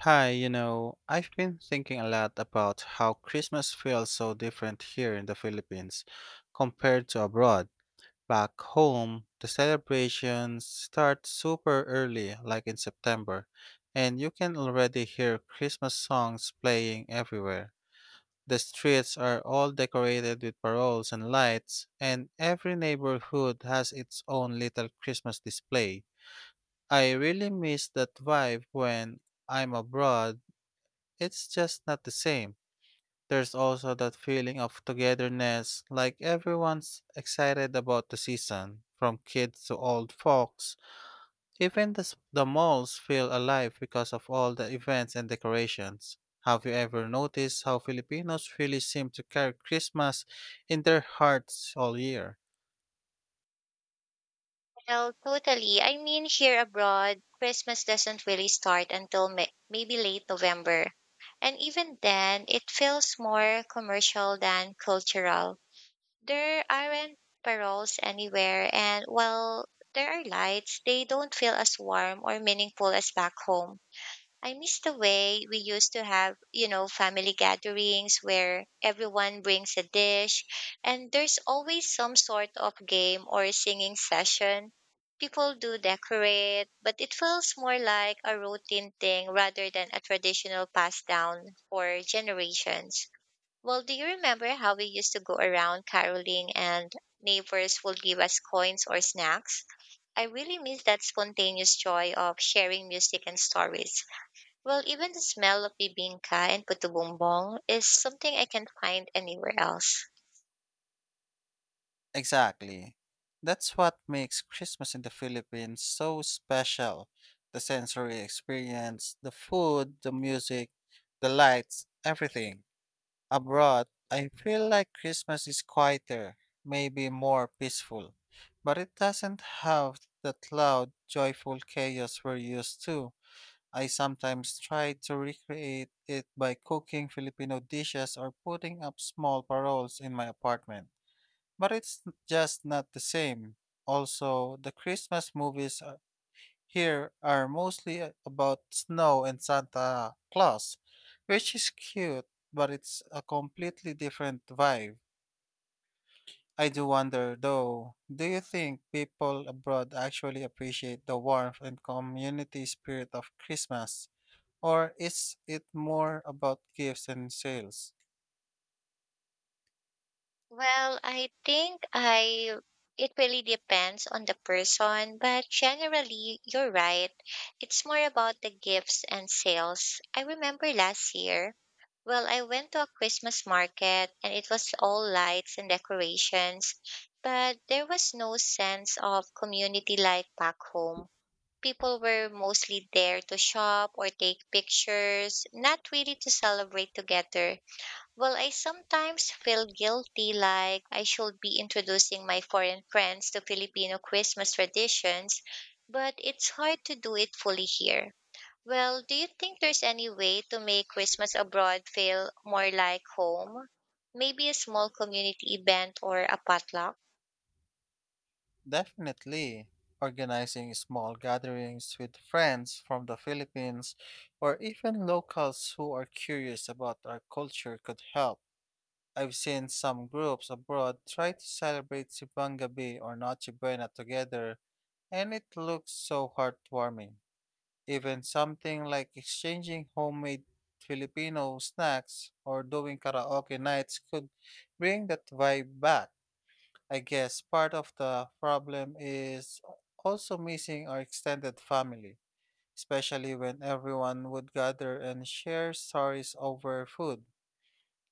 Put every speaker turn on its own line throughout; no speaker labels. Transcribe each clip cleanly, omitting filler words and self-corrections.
Hi, you know, I've been thinking a lot about how Christmas feels so different here in the Philippines compared to abroad. Back home, the celebrations start super early, like in September, and you can already hear Christmas songs playing everywhere. The streets are all decorated with paroles and lights, and every neighborhood has its own little Christmas display. I really miss that vibe when I'm abroad. It's just not the same. There's also that feeling of togetherness, like everyone's excited about the season, from kids to old folks. Even the malls feel alive because of all the events and decorations. Have you ever noticed how Filipinos really seem to carry Christmas in their hearts all year?
Oh, totally. I mean, here abroad, Christmas doesn't really start until maybe late November. And even then, it feels more commercial than cultural. There aren't paroles anywhere, and while there are lights, they don't feel as warm or meaningful as back home. I miss the way we used to have, you know, family gatherings where everyone brings a dish and there's always some sort of game or singing session. People do decorate, but it feels more like a routine thing rather than a traditional passed down for generations. Well, do you remember how we used to go around caroling and neighbors would give us coins or snacks? I really miss that spontaneous joy of sharing music and stories. Well, even the smell of bibingka and puto bumbong is something I can't find anywhere else.
Exactly. That's what makes Christmas in the Philippines so special. The sensory experience, the food, the music, the lights, everything. Abroad, I feel like Christmas is quieter, maybe more peaceful, but it doesn't have the loud, joyful chaos we're used to. I sometimes try to recreate it by cooking Filipino dishes or putting up small paroles in my apartment. But it's just not the same. Also, the Christmas movies here are mostly about snow and Santa Claus, which is cute, but it's a completely different vibe. I do wonder though, do you think people abroad actually appreciate the warmth and community spirit of Christmas? Or is it more about gifts and sales?
Well, I think I it really depends on the person, but generally you're right. It's more about the gifts and sales. I remember last year, well, I went to a Christmas market and it was all lights and decorations, but there was no sense of community life back home. People were mostly there to shop or take pictures, not really to celebrate together. Well, I sometimes feel guilty like I should be introducing my foreign friends to Filipino Christmas traditions, but it's hard to do it fully here. Well, do you think there's any way to make Christmas abroad feel more like home? Maybe a small community event or a potluck?
Definitely. Organizing small gatherings with friends from the Philippines or even locals who are curious about our culture could help. I've seen some groups abroad try to celebrate Sibang Gabi or Noche Buena together, and it looks so heartwarming. Even something like exchanging homemade Filipino snacks or doing karaoke nights could bring that vibe back. I guess part of the problem is also missing our extended family, especially when everyone would gather and share stories over food.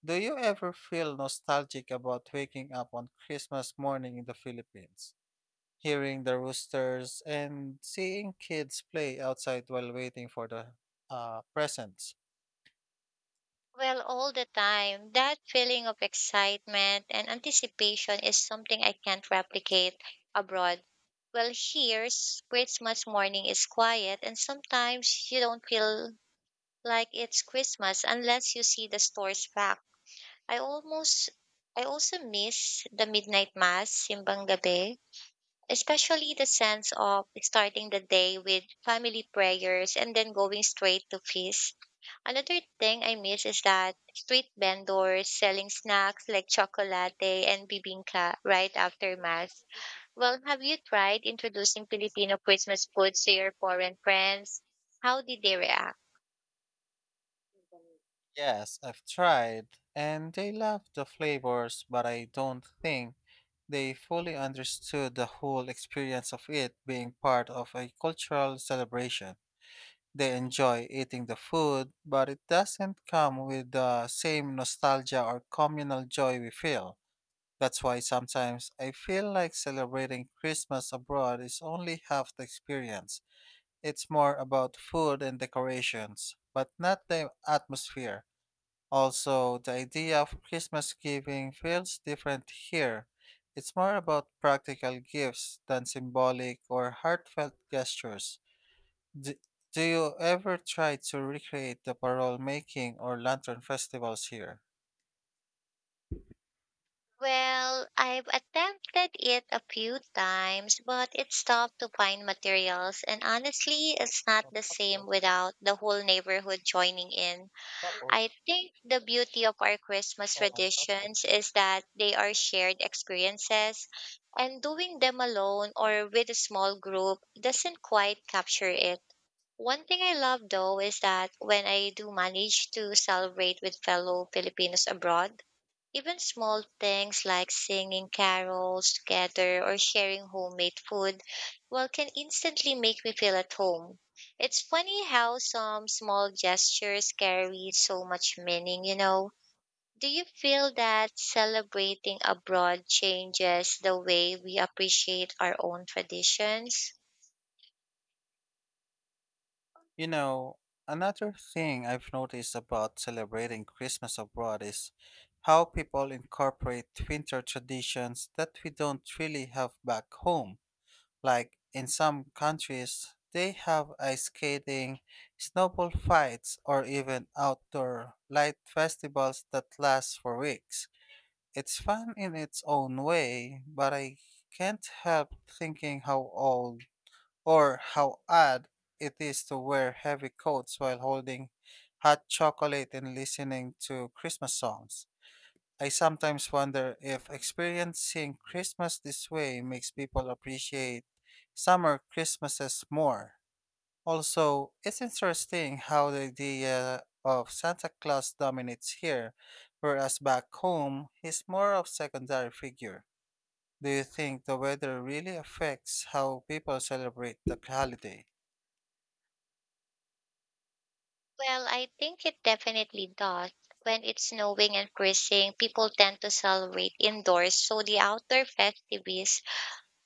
Do you ever feel nostalgic about waking up on Christmas morning in the Philippines, hearing the roosters and seeing kids play outside while waiting for the presents?
Well, all the time. That feeling of excitement and anticipation is something I can't replicate abroad. Well, here, Christmas morning is quiet, and sometimes you don't feel like it's Christmas unless you see the stores packed. I almost, I also miss the midnight mass, simbang gabi, especially the sense of starting the day with family prayers and then going straight to feast. Another thing I miss is that street vendors selling snacks like chocolate and bibingka right after mass. Well, have you tried introducing Filipino Christmas food to your foreign friends? How did they react?
Yes, I've tried, and they love the flavors, but I don't think they fully understood the whole experience of it being part of a cultural celebration. They enjoy eating the food, but it doesn't come with the same nostalgia or communal joy we feel. That's why sometimes I feel like celebrating Christmas abroad is only half the experience. It's more about food and decorations, but not the atmosphere. Also, the idea of Christmas giving feels different here. It's more about practical gifts than symbolic or heartfelt gestures. D- do you ever try to recreate the parole making or lantern festivals here?
Well, I've attempted it a few times, but it's tough to find materials, and honestly, it's not the same without the whole neighborhood joining in. I think the beauty of our Christmas traditions is that they are shared experiences, and doing them alone or with a small group doesn't quite capture it. One thing I love though is that when I do manage to celebrate with fellow Filipinos abroad, even small things like singing carols together or sharing homemade food, well, can instantly make me feel at home. It's funny how some small gestures carry so much meaning, you know. Do you feel that celebrating abroad changes the way we appreciate our own traditions?
You know, another thing I've noticed about celebrating Christmas abroad is how people incorporate winter traditions that we don't really have back home. Like in some countries, they have ice skating, snowball fights, or even outdoor light festivals that last for weeks. It's fun in its own way, but I can't help thinking how old or how odd it is to wear heavy coats while holding hot chocolate and listening to Christmas songs. I sometimes wonder if experiencing Christmas this way makes people appreciate summer Christmases more. Also, it's interesting how the idea of Santa Claus dominates here, whereas back home, he's more of secondary figure. Do you think the weather really affects how people celebrate the holiday?
Well, I think it definitely does. When it's snowing and freezing, people tend to celebrate indoors, so the outdoor festivities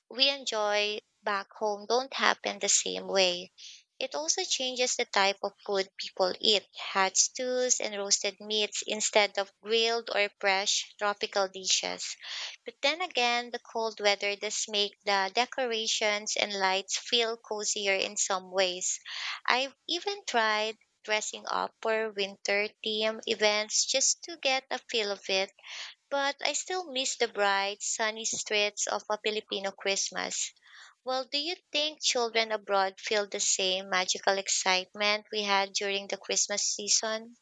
we enjoy back home don't happen the same way. It also changes the type of food people eat, hot stews and roasted meats instead of grilled or fresh tropical dishes. But then again, the cold weather does make the decorations and lights feel cozier in some ways. I've even tried dressing up for winter theme events just to get a feel of it, but I still miss the bright, sunny streets of a Filipino Christmas. Well, do you think children abroad feel the same magical excitement we had during the Christmas season?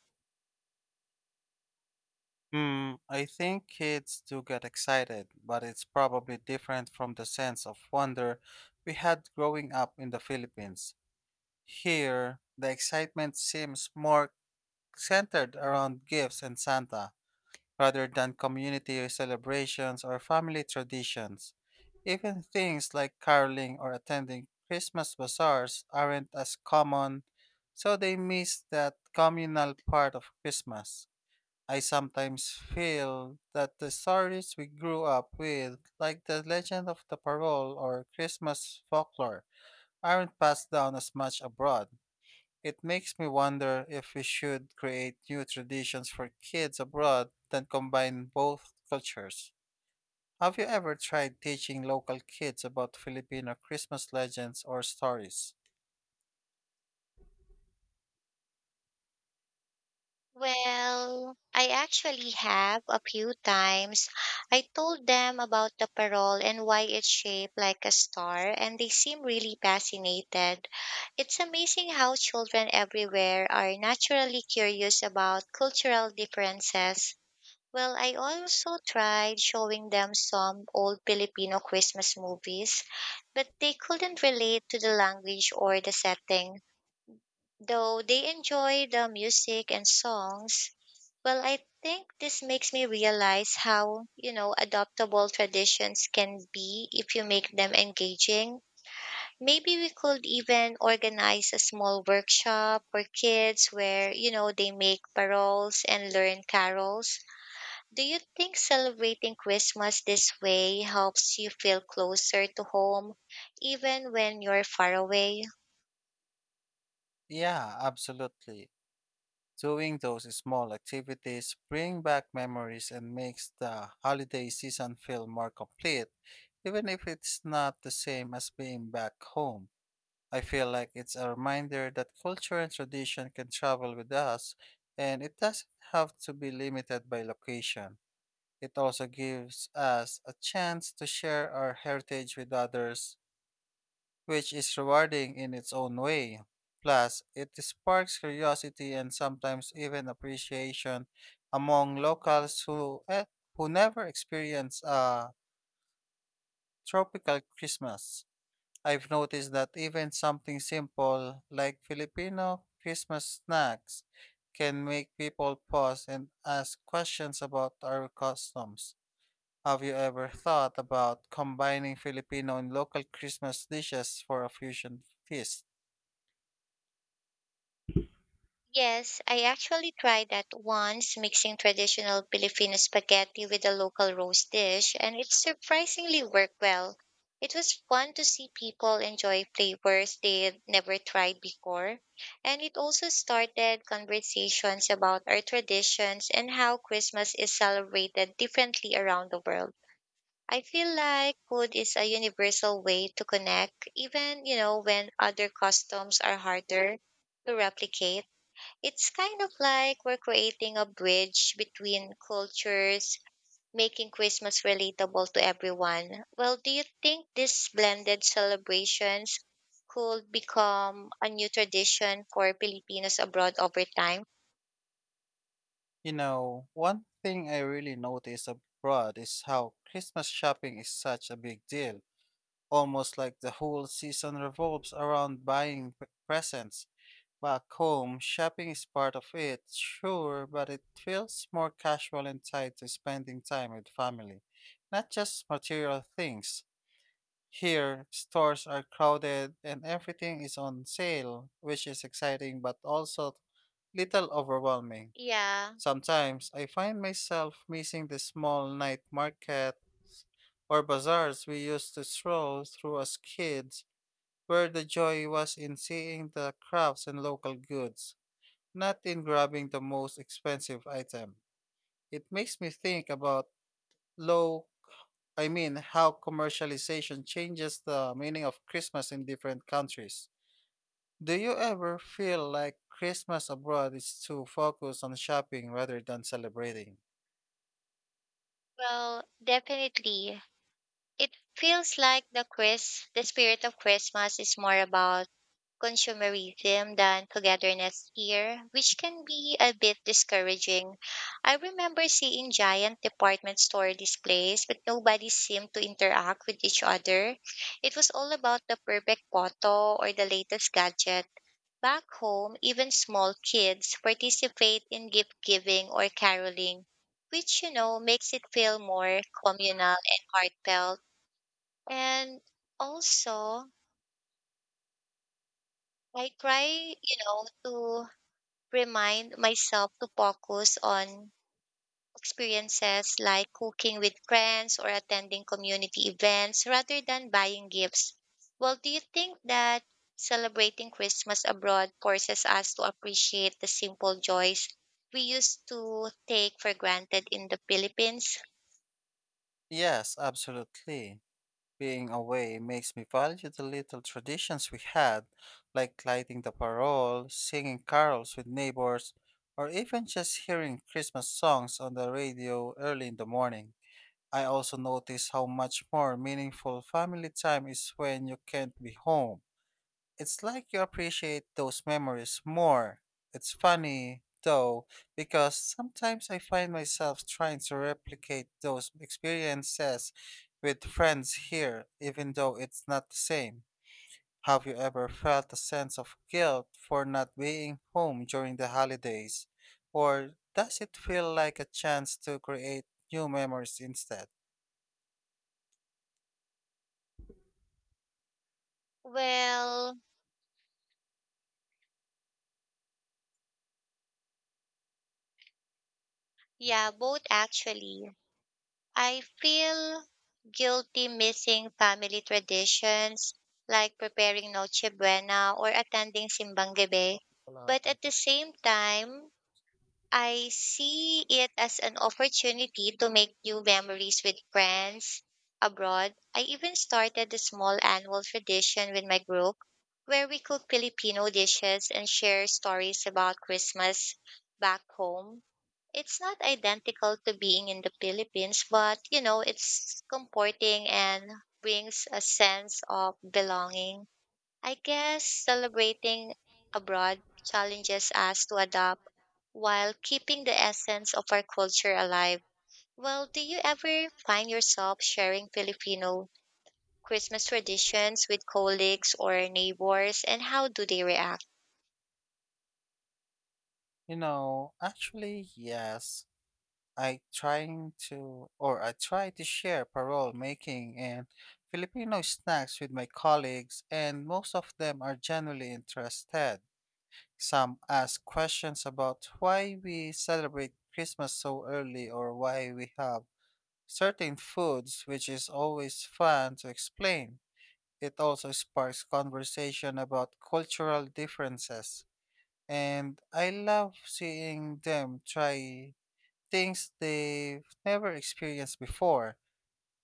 Hmm, I think kids do get excited, but it's probably different from the sense of wonder we had growing up in the Philippines. Here, the excitement seems more centered around gifts and Santa, rather than community celebrations or family traditions. Even things like caroling or attending Christmas bazaars aren't as common, so they miss that communal part of Christmas. I sometimes feel that the stories we grew up with, like the legend of the parole or Christmas folklore, aren't passed down as much abroad. It makes me wonder if we should create new traditions for kids abroad that combine both cultures. Have you ever tried teaching local kids about Filipino Christmas legends or stories?
Well, I actually have a few times. I told them about the parole and why it's shaped like a star, and they seem really fascinated. It's amazing how children everywhere are naturally curious about cultural differences. Well, I also tried showing them some old Filipino Christmas movies, but they couldn't relate to the language or the setting, though they enjoy the music and songs. Well, I think this makes me realize how, you know, adoptable traditions can be if you make them engaging. Maybe we could even organize a small workshop for kids where, you know, they make paroles and learn carols. Do you think celebrating Christmas this way helps you feel closer to home, even when you're far away?
Yeah, absolutely. Doing those small activities bring back memories and makes the holiday season feel more complete, even if it's not the same as being back home. I feel like it's a reminder that culture and tradition can travel with us, and it doesn't have to be limited by location. It also gives us a chance to share our heritage with others which is rewarding in its own way. Plus, it sparks curiosity and sometimes even appreciation among locals who never experience a tropical Christmas. I've noticed that even something simple like Filipino Christmas snacks can make people pause and ask questions about our customs. Have you ever thought about combining Filipino and local Christmas dishes for a fusion feast?
Yes, I actually tried that once, mixing traditional Filipino spaghetti with a local roast dish, and it surprisingly worked well. It was fun to see people enjoy flavors they had never tried before, and it also started conversations about our traditions and how Christmas is celebrated differently around the world. I feel like food is a universal way to connect, even, you know, when other customs are harder to replicate. It's kind of like we're creating a bridge between cultures, making Christmas relatable to everyone. Well, do you think these blended celebrations could become a new tradition for Filipinos abroad over time?
You know, one thing I really notice abroad is how Christmas shopping is such a big deal. Almost like the whole season revolves around buying presents. Back home, shopping is part of it, sure, but it feels more casual and tied to spending time with family, not just material things. Here, stores are crowded and everything is on sale, which is exciting but also little overwhelming.
Yeah,
Sometimes I find myself missing the small night markets or bazaars we used to stroll through as kids, where the joy was in seeing the crafts and local goods, not in grabbing the most expensive item. It makes me think about low how commercialization changes the meaning of Christmas in different countries. Do you ever feel like Christmas abroad is too focused on shopping rather than celebrating?
well, definitely. It feels like the spirit of Christmas is more about consumerism than togetherness here, which can be a bit discouraging. I remember seeing giant department store displays, but nobody seemed to interact with each other. It was all about the perfect photo or the latest gadget. Back home, even small kids participate in gift giving or caroling, which, you know, makes it feel more communal and heartfelt. And also, I try, you know, to remind myself to focus on experiences like cooking with friends or attending community events rather than buying gifts. Well, do you think that celebrating Christmas abroad forces us to appreciate the simple joys we used to take for granted in the Philippines?
Yes, absolutely. Being away makes me value the little traditions we had, like lighting the parole, singing carols with neighbors, or even just hearing Christmas songs on the radio early in the morning. I also notice how much more meaningful family time is when you can't be home. It's like you appreciate those memories more. It's funny, though, because sometimes I find myself trying to replicate those experiences with friends here, even though it's not the same. Have you ever felt a sense of guilt for not being home during the holidays? Or does it feel like a chance to create new memories instead?
Well, yeah, both actually. I feel guilty missing family traditions like preparing Noche Buena or attending Simbang Gabi, but at the same time, I see it as an opportunity to make new memories with friends abroad. I even started a small annual tradition with my group where we cook Filipino dishes and share stories about Christmas back home. It's not identical to being in the Philippines, but you know, it's comforting and brings a sense of belonging. I guess celebrating abroad challenges us to adapt while keeping the essence of our culture alive. Well, do you ever find yourself sharing Filipino Christmas traditions with colleagues or neighbors, and how do they react?
You know, actually, yes. I try to share parole making and Filipino snacks with my colleagues, and most of them are genuinely interested. Some ask questions about why we celebrate Christmas so early or why we have certain foods, which is always fun to explain. It also sparks conversation about cultural differences, and I love seeing them try things they've never experienced before.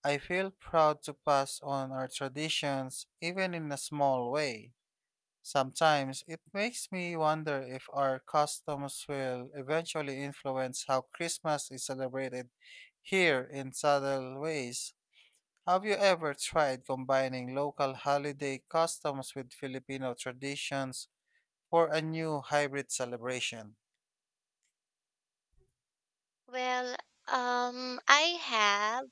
I feel proud to pass on our traditions, even in a small way. Sometimes it makes me wonder if our customs will eventually influence how Christmas is celebrated here in subtle ways. Have you ever tried combining local holiday customs with Filipino traditions for a new hybrid celebration?
Well, I have.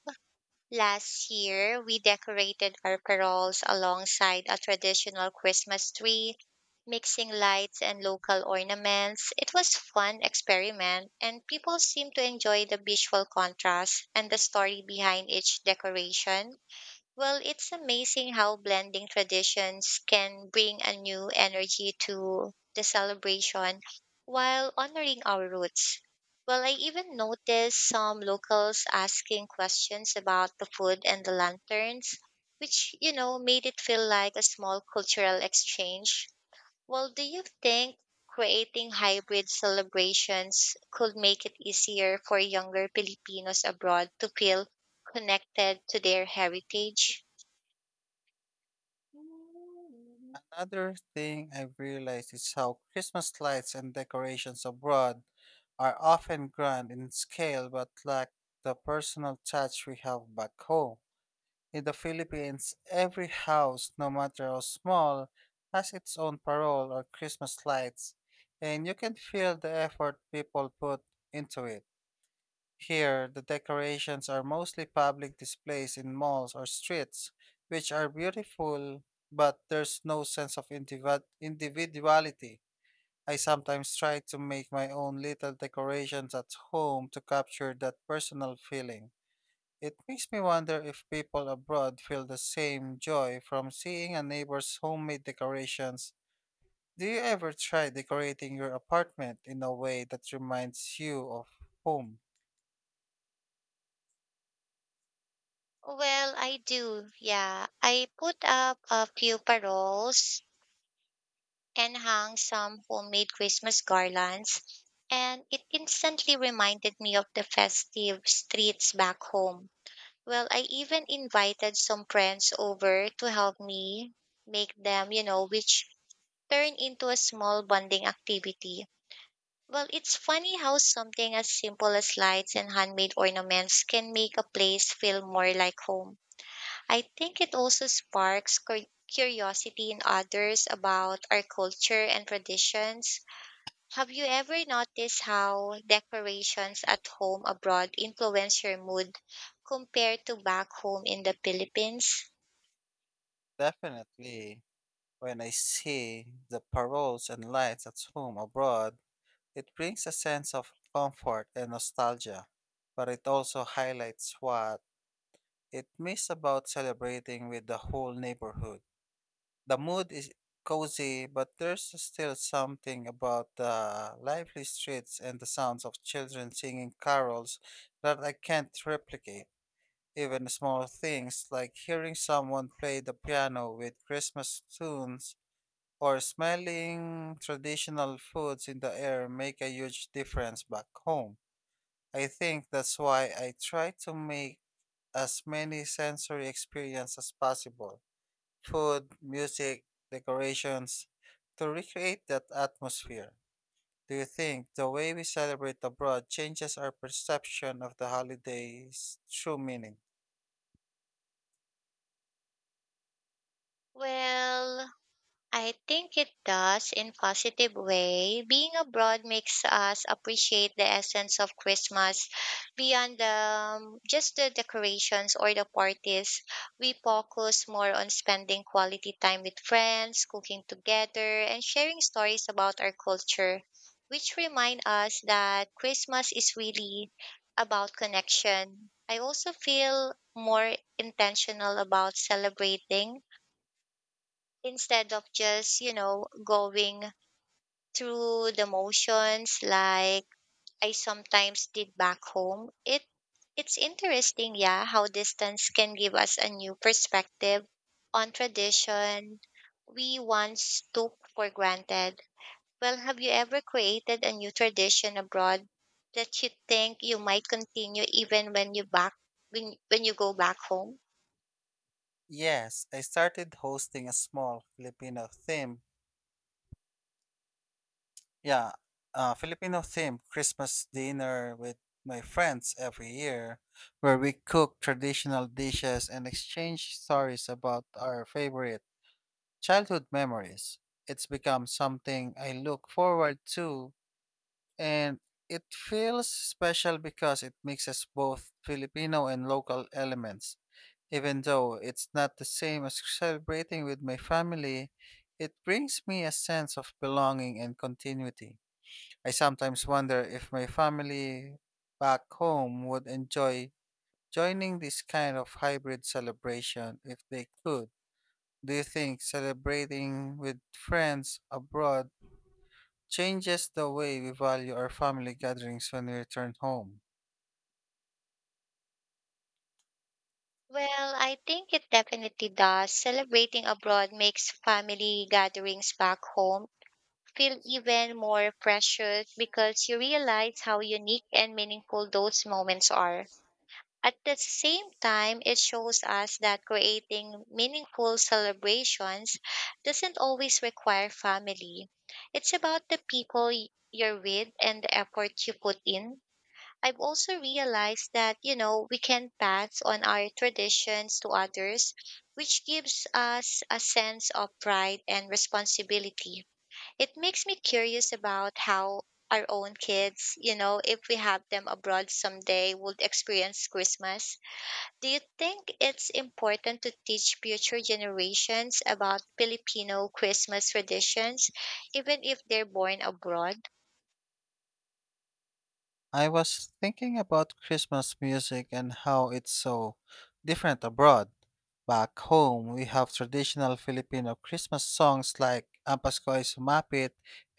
Last year, we decorated our paroles alongside a traditional Christmas tree, mixing lights and local ornaments. It was fun experiment and people seemed to enjoy the visual contrast and the story behind each decoration. Well, it's amazing how blending traditions can bring a new energy to the celebration while honoring our roots. Well, I even noticed some locals asking questions about the food and the lanterns, which, you know, made it feel like a small cultural exchange. Well, do you think creating hybrid celebrations could make it easier for younger Filipinos abroad to feel connected to their heritage?
Another thing I've realized is how Christmas lights and decorations abroad are often grand in scale but lack the personal touch we have back home. In the Philippines, every house, no matter how small, has its own parole or Christmas lights, and you can feel the effort people put into it. Here, the decorations are mostly public displays in malls or streets, which are beautiful, but there's no sense of individuality. I sometimes try to make my own little decorations at home to capture that personal feeling. It makes me wonder if people abroad feel the same joy from seeing a neighbor's homemade decorations. Do you ever try decorating your apartment in a way that reminds you of home?
Well, I do. Yeah. I put up a few paroles and hung some homemade Christmas garlands, and it instantly reminded me of the festive streets back home. Well, I even invited some friends over to help me make them, you know, which turned into a small bonding activity. Well, it's funny how something as simple as lights and handmade ornaments can make a place feel more like home. I think it also sparks curiosity in others about our culture and traditions. Have you ever noticed how decorations at home abroad influence your mood compared to back home in the Philippines?
Definitely. When I see the paroles and lights at home abroad, it brings a sense of comfort and nostalgia, but it also highlights what it missed about celebrating with the whole neighborhood. The mood is cozy, but there's still something about the lively streets and the sounds of children singing carols that I can't replicate. Even small things like hearing someone play the piano with Christmas tunes or smelling traditional foods in the air make a huge difference back home. I think that's why I try to make as many sensory experiences as possible, food, music, decorations, to recreate that atmosphere. Do you think the way we celebrate abroad changes our perception of the holiday's true meaning?
Well, I think it does in positive way. Being abroad makes us appreciate the essence of Christmas beyond the just the decorations or the parties. We focus more on spending quality time with friends, cooking together, and sharing stories about our culture, which remind us that Christmas is really about connection. I also feel more intentional about celebrating instead of just, you know, going through the motions like I sometimes did back home. It's interesting, yeah, how distance can give us a new perspective on tradition we once took for granted. Well, have you ever created a new tradition abroad that you think you might continue even when you go back home?
Yes, I started hosting a small Yeah, Filipino themed Christmas dinner with my friends every year, where we cook traditional dishes and exchange stories about our favorite childhood memories. It's become something I look forward to, and it feels special because it mixes both Filipino and local elements. Even though it's not the same as celebrating with my family, it brings me a sense of belonging and continuity. I sometimes wonder if my family back home would enjoy joining this kind of hybrid celebration if they could. Do you think celebrating with friends abroad changes the way we value our family gatherings when we return home?
Well, I think it definitely does. Celebrating abroad makes family gatherings back home feel even more precious because you realize how unique and meaningful those moments are. At the same time, it shows us that creating meaningful celebrations doesn't always require family. It's about the people you're with and the effort you put in. I've also realized that, you know, we can pass on our traditions to others, which gives us a sense of pride and responsibility. It makes me curious about how our own kids, you know, if we have them abroad someday, would experience Christmas. Do you think it's important to teach future generations about Filipino Christmas traditions, even if they're born abroad?
I was thinking about Christmas music and how it's so different abroad. Back home, we have traditional Filipino Christmas songs like Ang Pasko ay Sumapit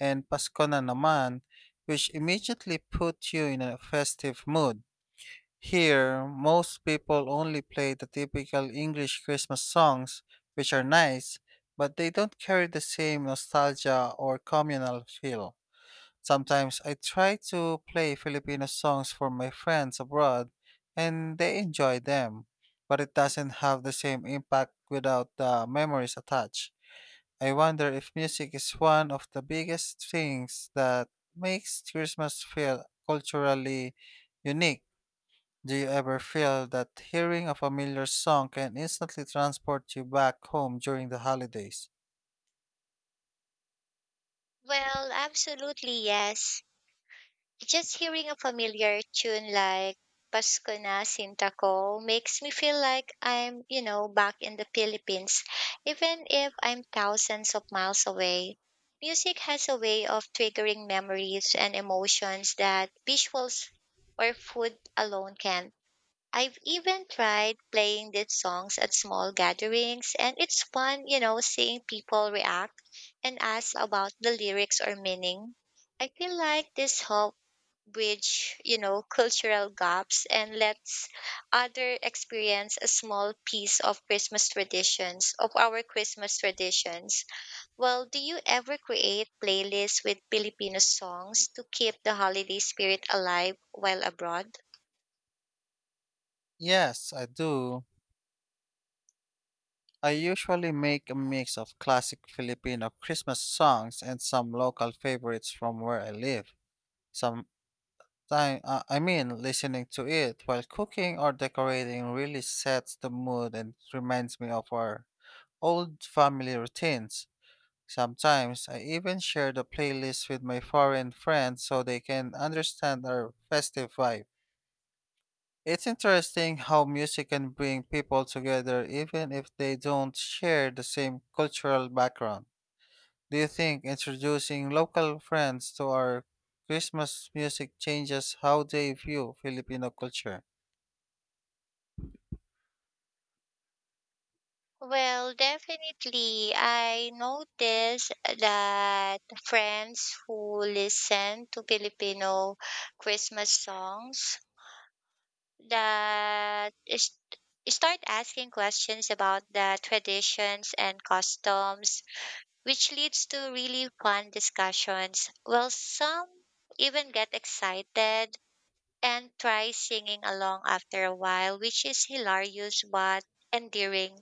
and Pasko na naman, which immediately put you in a festive mood. Here, most people only play the typical English Christmas songs, which are nice, but they don't carry the same nostalgia or communal feel. Sometimes I try to play Filipino songs for my friends abroad and they enjoy them, but it doesn't have the same impact without the memories attached. I wonder if music is one of the biggest things that makes Christmas feel culturally unique. Do you ever feel that hearing a familiar song can instantly transport you back home during the holidays?
Well, absolutely yes. Just hearing a familiar tune like Pasko na Sinta Ko makes me feel like I'm, you know, back in the Philippines, even if I'm thousands of miles away. Music has a way of triggering memories and emotions that visuals or food alone can. I've even tried playing these songs at small gatherings, and it's fun, you know, seeing people react and ask about the lyrics or meaning. I feel like this help bridge, you know, cultural gaps and lets other experience a small piece of our Christmas traditions. Well, do you ever create playlists with Filipino songs to keep the holiday spirit alive while abroad?
Yes, I do. I usually make a mix of classic Filipino Christmas songs and some local favorites from where I live. Sometimes, listening to it while cooking or decorating really sets the mood and reminds me of our old family routines. Sometimes I even share the playlist with my foreign friends so they can understand our festive vibe. It's interesting how music can bring people together even if they don't share the same cultural background. Do you think introducing local friends to our Christmas music changes how they view Filipino culture?
Well, definitely. I notice that friends who listen to Filipino Christmas songs, that is, start asking questions about the traditions and customs, which leads to really fun discussions. Well, some even get excited and try singing along after a while, which is hilarious but endearing.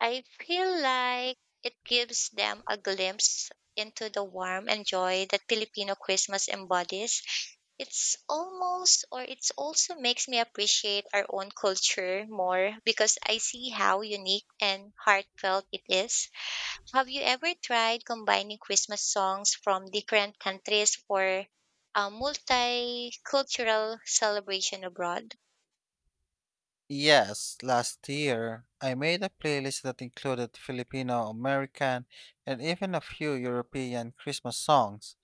I feel like it gives them a glimpse into the warmth and joy that Filipino Christmas embodies. It's almost, or it's also makes me appreciate our own culture more because I see how unique and heartfelt it is. Have you ever tried combining Christmas songs from different countries for a multicultural celebration abroad?
Yes, last year I made a playlist that included Filipino, American, and even a few European Christmas songs.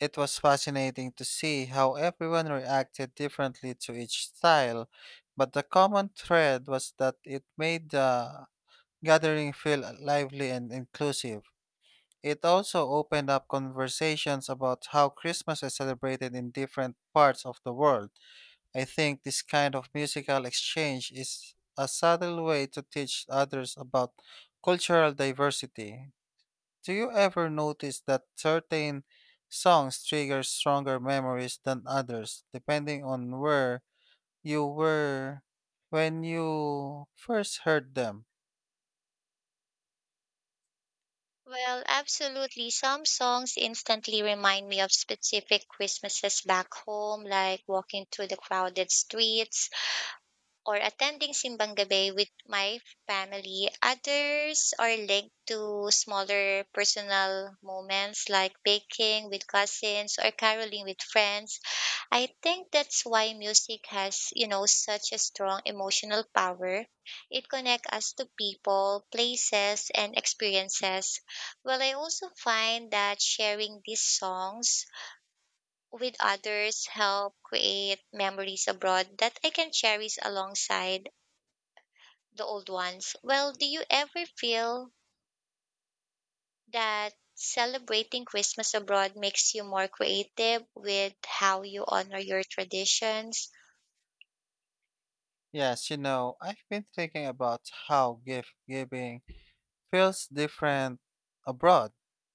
It was fascinating to see how everyone reacted differently to each style, but the common thread was that it made the gathering feel lively and inclusive. It also opened up conversations about how Christmas is celebrated in different parts of the world. I think this kind of musical exchange is a subtle way to teach others about cultural diversity. Do you ever notice that certain songs trigger stronger memories than others, depending on where you were when you first heard them?
Well, absolutely. Some songs instantly remind me of specific Christmases back home, like walking through the crowded streets or attending Simbang Gabi with my family. Others are linked to smaller personal moments like baking with cousins or caroling with friends. I think that's why music has, you know, such a strong emotional power. It connects us to people, places, and experiences. Well, I also find that sharing these songs with others help create memories abroad that I can cherish alongside the old ones. Well, do you ever feel that celebrating Christmas abroad makes you more creative with how you honor your traditions?
Yes, you know, I've been thinking about how gift giving feels different abroad.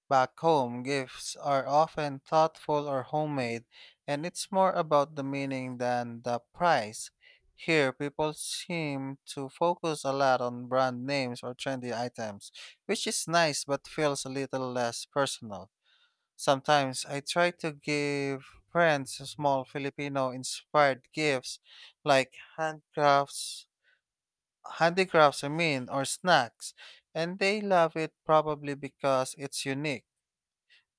Back home, gifts are often thoughtful or homemade, and it's more about the meaning than the price. Here, people seem to focus a lot on brand names or trendy items, which is nice but feels a little less personal. Sometimes I try to give friends small Filipino inspired gifts like handcrafts handicrafts, I mean, or snacks, and they love it probably because it's unique.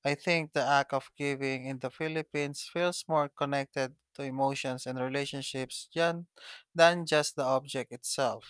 I think the act of giving in the Philippines feels more connected to emotions and relationships than just the object itself.